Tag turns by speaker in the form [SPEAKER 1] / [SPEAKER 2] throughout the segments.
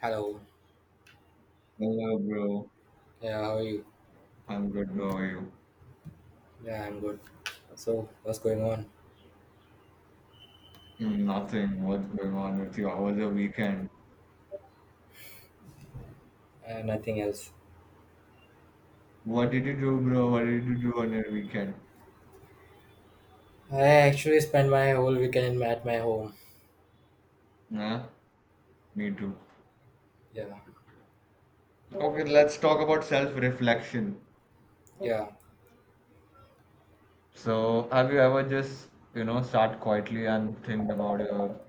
[SPEAKER 1] Hello.
[SPEAKER 2] Hello, bro.
[SPEAKER 1] Yeah, how are you?
[SPEAKER 2] I'm good. How are you?
[SPEAKER 1] Yeah, I'm good. So, what's going on?
[SPEAKER 2] Nothing. What's going on with you? How was your weekend?
[SPEAKER 1] Nothing else.
[SPEAKER 2] What did you do, bro? What did you do on your weekend?
[SPEAKER 1] I actually spend my whole weekend at my home.
[SPEAKER 2] Nah, me too.
[SPEAKER 1] Yeah,
[SPEAKER 2] Okay, let's talk about self-reflection.
[SPEAKER 1] yeah,
[SPEAKER 2] So, have you ever just, sat quietly and think about your?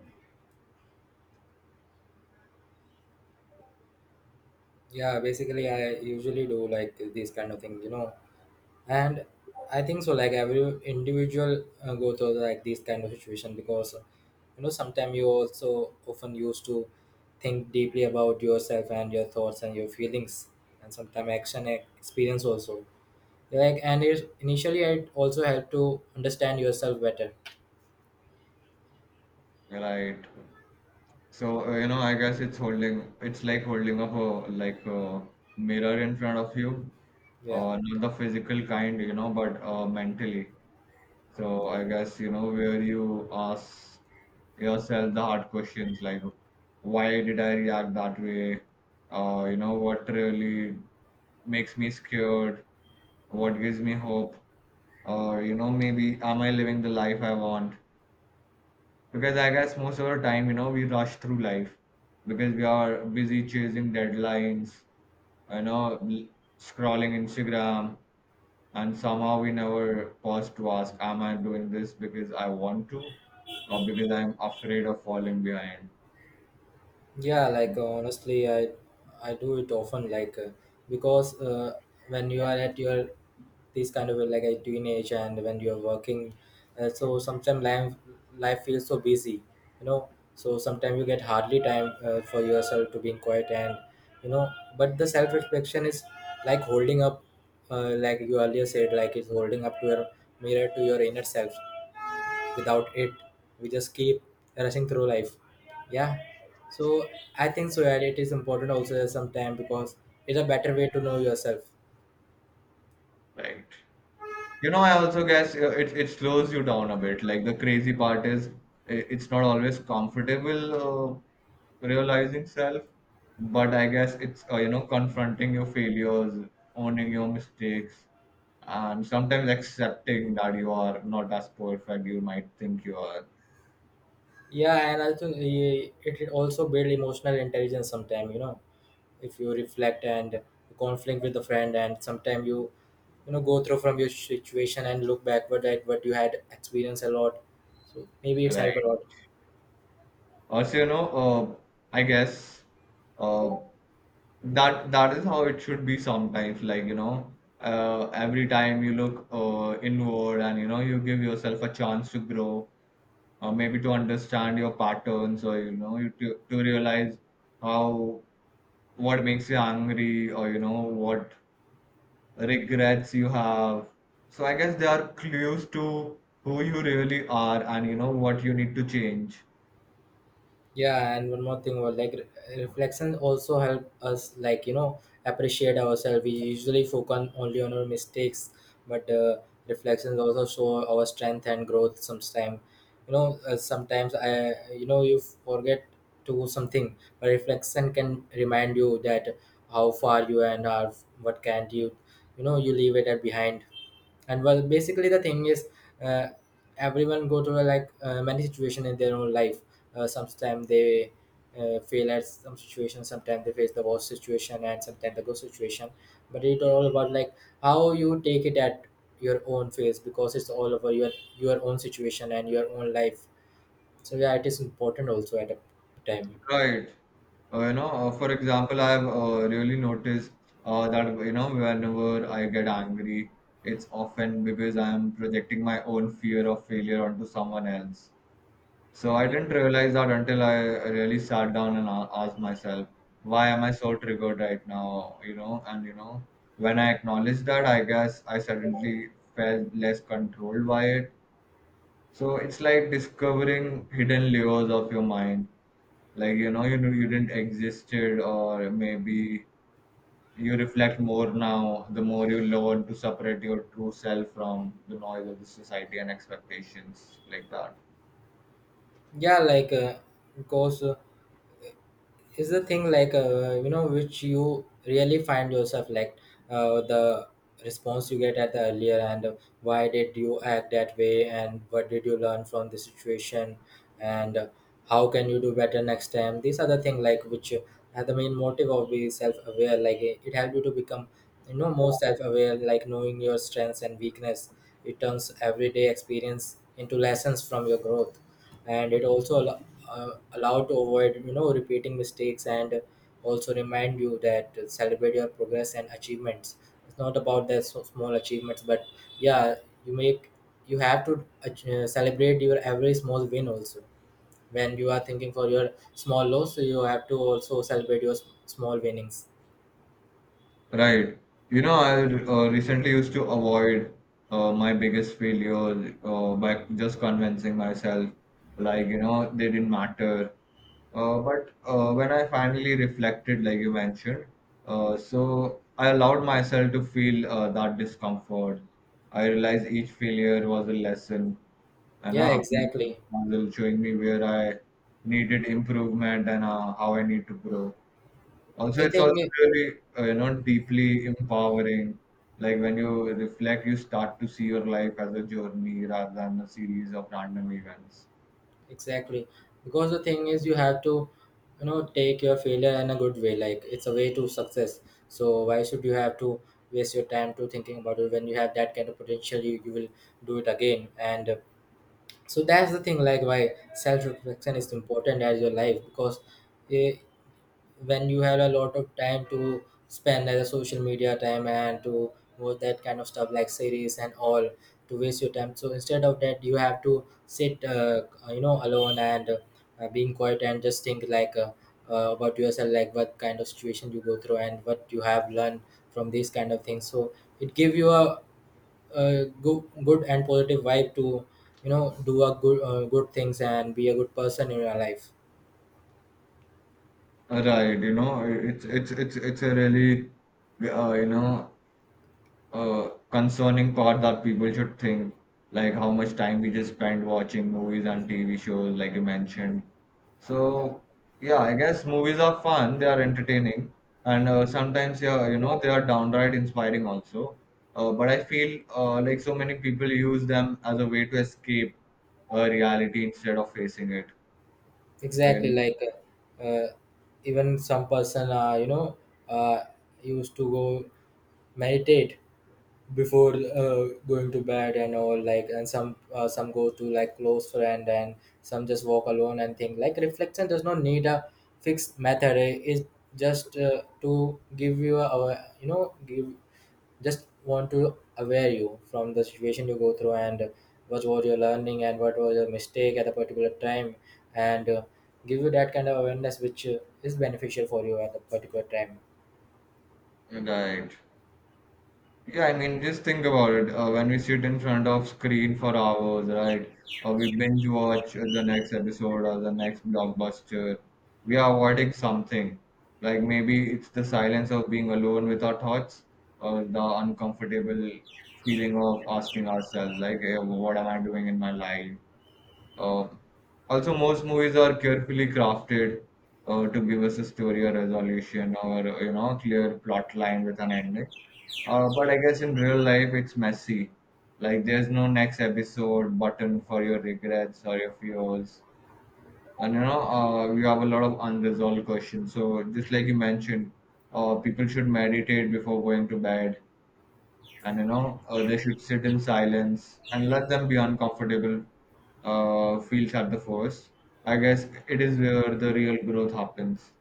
[SPEAKER 1] yeah. Basically, I usually do like this kind of thing, you know. And I think so. Like every individual go through like this kind of situation because you know sometimes you also often used to think deeply about yourself and your thoughts and your feelings and sometimes action and experience also like and it initially it also helped to understand yourself better.
[SPEAKER 2] Right? So, you know, I guess it's like holding up a like a mirror in front of you,
[SPEAKER 1] Yeah,
[SPEAKER 2] not the physical kind, you know, but mentally. So I guess you know where you ask yourself the hard questions like, why did I react that way? You know what really makes me scared? What gives me hope? Or you know, maybe am I living the life I want? Because I guess most of the time, you know, we rush through life because we are busy chasing deadlines. You know l- Scrolling Instagram, and somehow we never pause to ask, am I doing this because I want to, or because I'm afraid of falling behind?
[SPEAKER 1] yeah, like honestly, I do it often like because when you are at your this kind of like a teenage, and when you're working, so sometimes life, life feels so busy, you know. So sometimes you get hardly time for yourself to be in quiet and, you know, but the self-reflection is like holding up, like you earlier said, like it's holding up to your mirror, to your inner self. Without it, we just keep rushing through life, yeah. So I think so, yeah, it is important also sometime because it's a better way to know yourself.
[SPEAKER 2] Right. You know, I also guess it slows you down a bit. Like the crazy part is, it's not always comfortable, realizing self. But I guess it's, you know, confronting your failures, owning your mistakes, and sometimes accepting that you are not as perfect you might think you are.
[SPEAKER 1] Yeah, and also it also build emotional intelligence sometime, you know, if you reflect and conflict with a friend and sometime you, you know, go through from your situation and look backward at what you had experienced a lot, so maybe it's
[SPEAKER 2] Right.
[SPEAKER 1] helped a lot.
[SPEAKER 2] Also, you know, uh, I guess uh, that that is how it should be sometimes. Like, you know, every time you look inward and you know you give yourself a chance to grow, maybe to understand your patterns, or you know you to realize how, what makes you angry, or you know what regrets you have. So I guess they are clues to who you really are and you know what you need to change.
[SPEAKER 1] Yeah, and one more thing was like reflection also help us, like, you know, appreciate ourselves. We usually only on our mistakes, but reflections also show our strength and growth. Sometimes, you know, sometimes I, you know, you forget to do something, but reflection can remind you that how far you and are, what can't you, you know, you leave it at behind. And well, basically the thing is, uh, everyone go through like many situation in their own life. Sometimes they fail at some situation, sometimes they face the worst situation, and sometimes the good situation. But it's all about like how you take it at your own face, because it's all over your own situation and your own life. So yeah, it is important also at a time.
[SPEAKER 2] Right. For example, I've really noticed that you know whenever I get angry, it's often because I'm projecting my own fear of failure onto someone else. So I
[SPEAKER 1] Yeah,
[SPEAKER 2] didn't realize that until I really sat down and asked myself, why am I so triggered right now? You know, and you know, when I acknowledged that, I guess I suddenly felt less controlled by it. So it's like discovering hidden layers of your mind. Like you know, you know you didn't existed, or maybe you reflect more now. The more you learn to separate your true self from the noise of the society and expectations, like that.
[SPEAKER 1] yeah, like because is the thing like, you know, which you really find yourself, like the response you get at the earlier, and why did you act that way, and what did you learn from the situation, and how can you do better next time? These are the thing like which are the main motive of being self-aware. Like it helps you to become, you know, more self-aware, like knowing your strengths and weakness. It turns everyday experience into lessons from your growth, and it also allow to avoid, you know, repeating mistakes, and also remind you that, celebrate your progress and achievements. It's not about the so small achievements, but yeah, you make, you have to celebrate your every small win also. When you are thinking for your small loss, so you have to also celebrate your small winnings.
[SPEAKER 2] Right. You know, I recently used to avoid my biggest failure by just convincing myself, like, you know, they didn't matter. But when I finally reflected, like you mentioned, so I allowed myself to feel that discomfort. I realized each failure was a lesson, and
[SPEAKER 1] Yeah,
[SPEAKER 2] a piece of
[SPEAKER 1] exactly,
[SPEAKER 2] puzzle showing me where I needed improvement and how I need to grow. Also,
[SPEAKER 1] the
[SPEAKER 2] it's also
[SPEAKER 1] thing.
[SPEAKER 2] really, deeply empowering. Like when you reflect, you start to see your life as a journey rather than a series of random events.
[SPEAKER 1] Exactly. Because the thing is, you have to, you know, take your failure in a good way. Like it's a way to success. So why should you have to waste your time to thinking about it when you have that kind of potential? You will do it again. And so that's the thing. Like why self reflection is important as your life, because eh, when you have a lot of time to spend as a social media time, and to watch that kind of stuff like series and all, to waste your time, so instead of that you have to sit, you know, alone and, being quiet and just think, like, about yourself, like what kind of situation you go through and what you have learned from these kind of things. So it give you a, good and positive vibe to, you know, do a good, good things and be a good person in your life.
[SPEAKER 2] Right. You know, it's a really, uh, you know, concerning part that people should think, like how much time we just spend watching movies and TV shows, like you mentioned.
[SPEAKER 1] Yeah,
[SPEAKER 2] So, yeah, I guess movies are fun, they are entertaining, and sometimes, yeah, you know, they are downright inspiring also. But I feel like so many people use them as a way to escape reality instead of facing it.
[SPEAKER 1] exactly,
[SPEAKER 2] Right.
[SPEAKER 1] like uh, uh, even some person, you know, uh, used to go meditate before going to bed and all, like, and some, some go to like close friend, and some just walk alone and think. Like reflection does not need a fixed method, it is just to give you a, you know, give, just want to aware you from the situation you go through, and what was your learning, and what was your mistake at a particular time, and give you that kind of awareness which is beneficial for you at a particular time.
[SPEAKER 2] Right. Yeah, I mean, just think about it. When we sit in front of screen for hours, right? Or we binge watch the next episode or the next blockbuster, we are avoiding something. Like maybe it's the silence of being alone with our thoughts, or the uncomfortable feeling of asking ourselves, like, "Eh, what am I doing in my life? Uh, Also, most movies are carefully crafted to give us a story or resolution, or you know, clear plot line with an ending. But I guess in real life it's messy. Like there's no next episode button for your regrets or your fears, and you know you have a lot of unresolved questions. So just like you mentioned, people should meditate before going to bed, and you know they should sit in silence and let them be uncomfortable feels at the first. I guess it is where the real growth happens.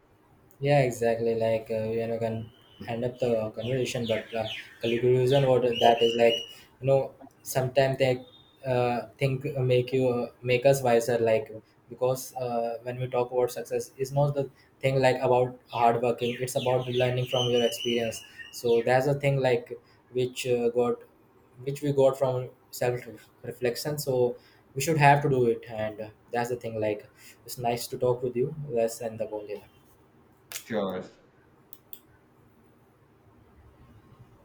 [SPEAKER 1] Yeah, exactly. Like, you know, can end up the conversation, but conclusion what that is like, you know, sometimes they think make you make us wiser. Like, because when we talk about success, it's not the thing like about hard working. It's about learning from your experience. So that's a thing like which uh, got which we got from self reflection. So we should have to do it, and that's the thing. Like it's nice to talk with you. Let's end the call here.
[SPEAKER 2] Sure.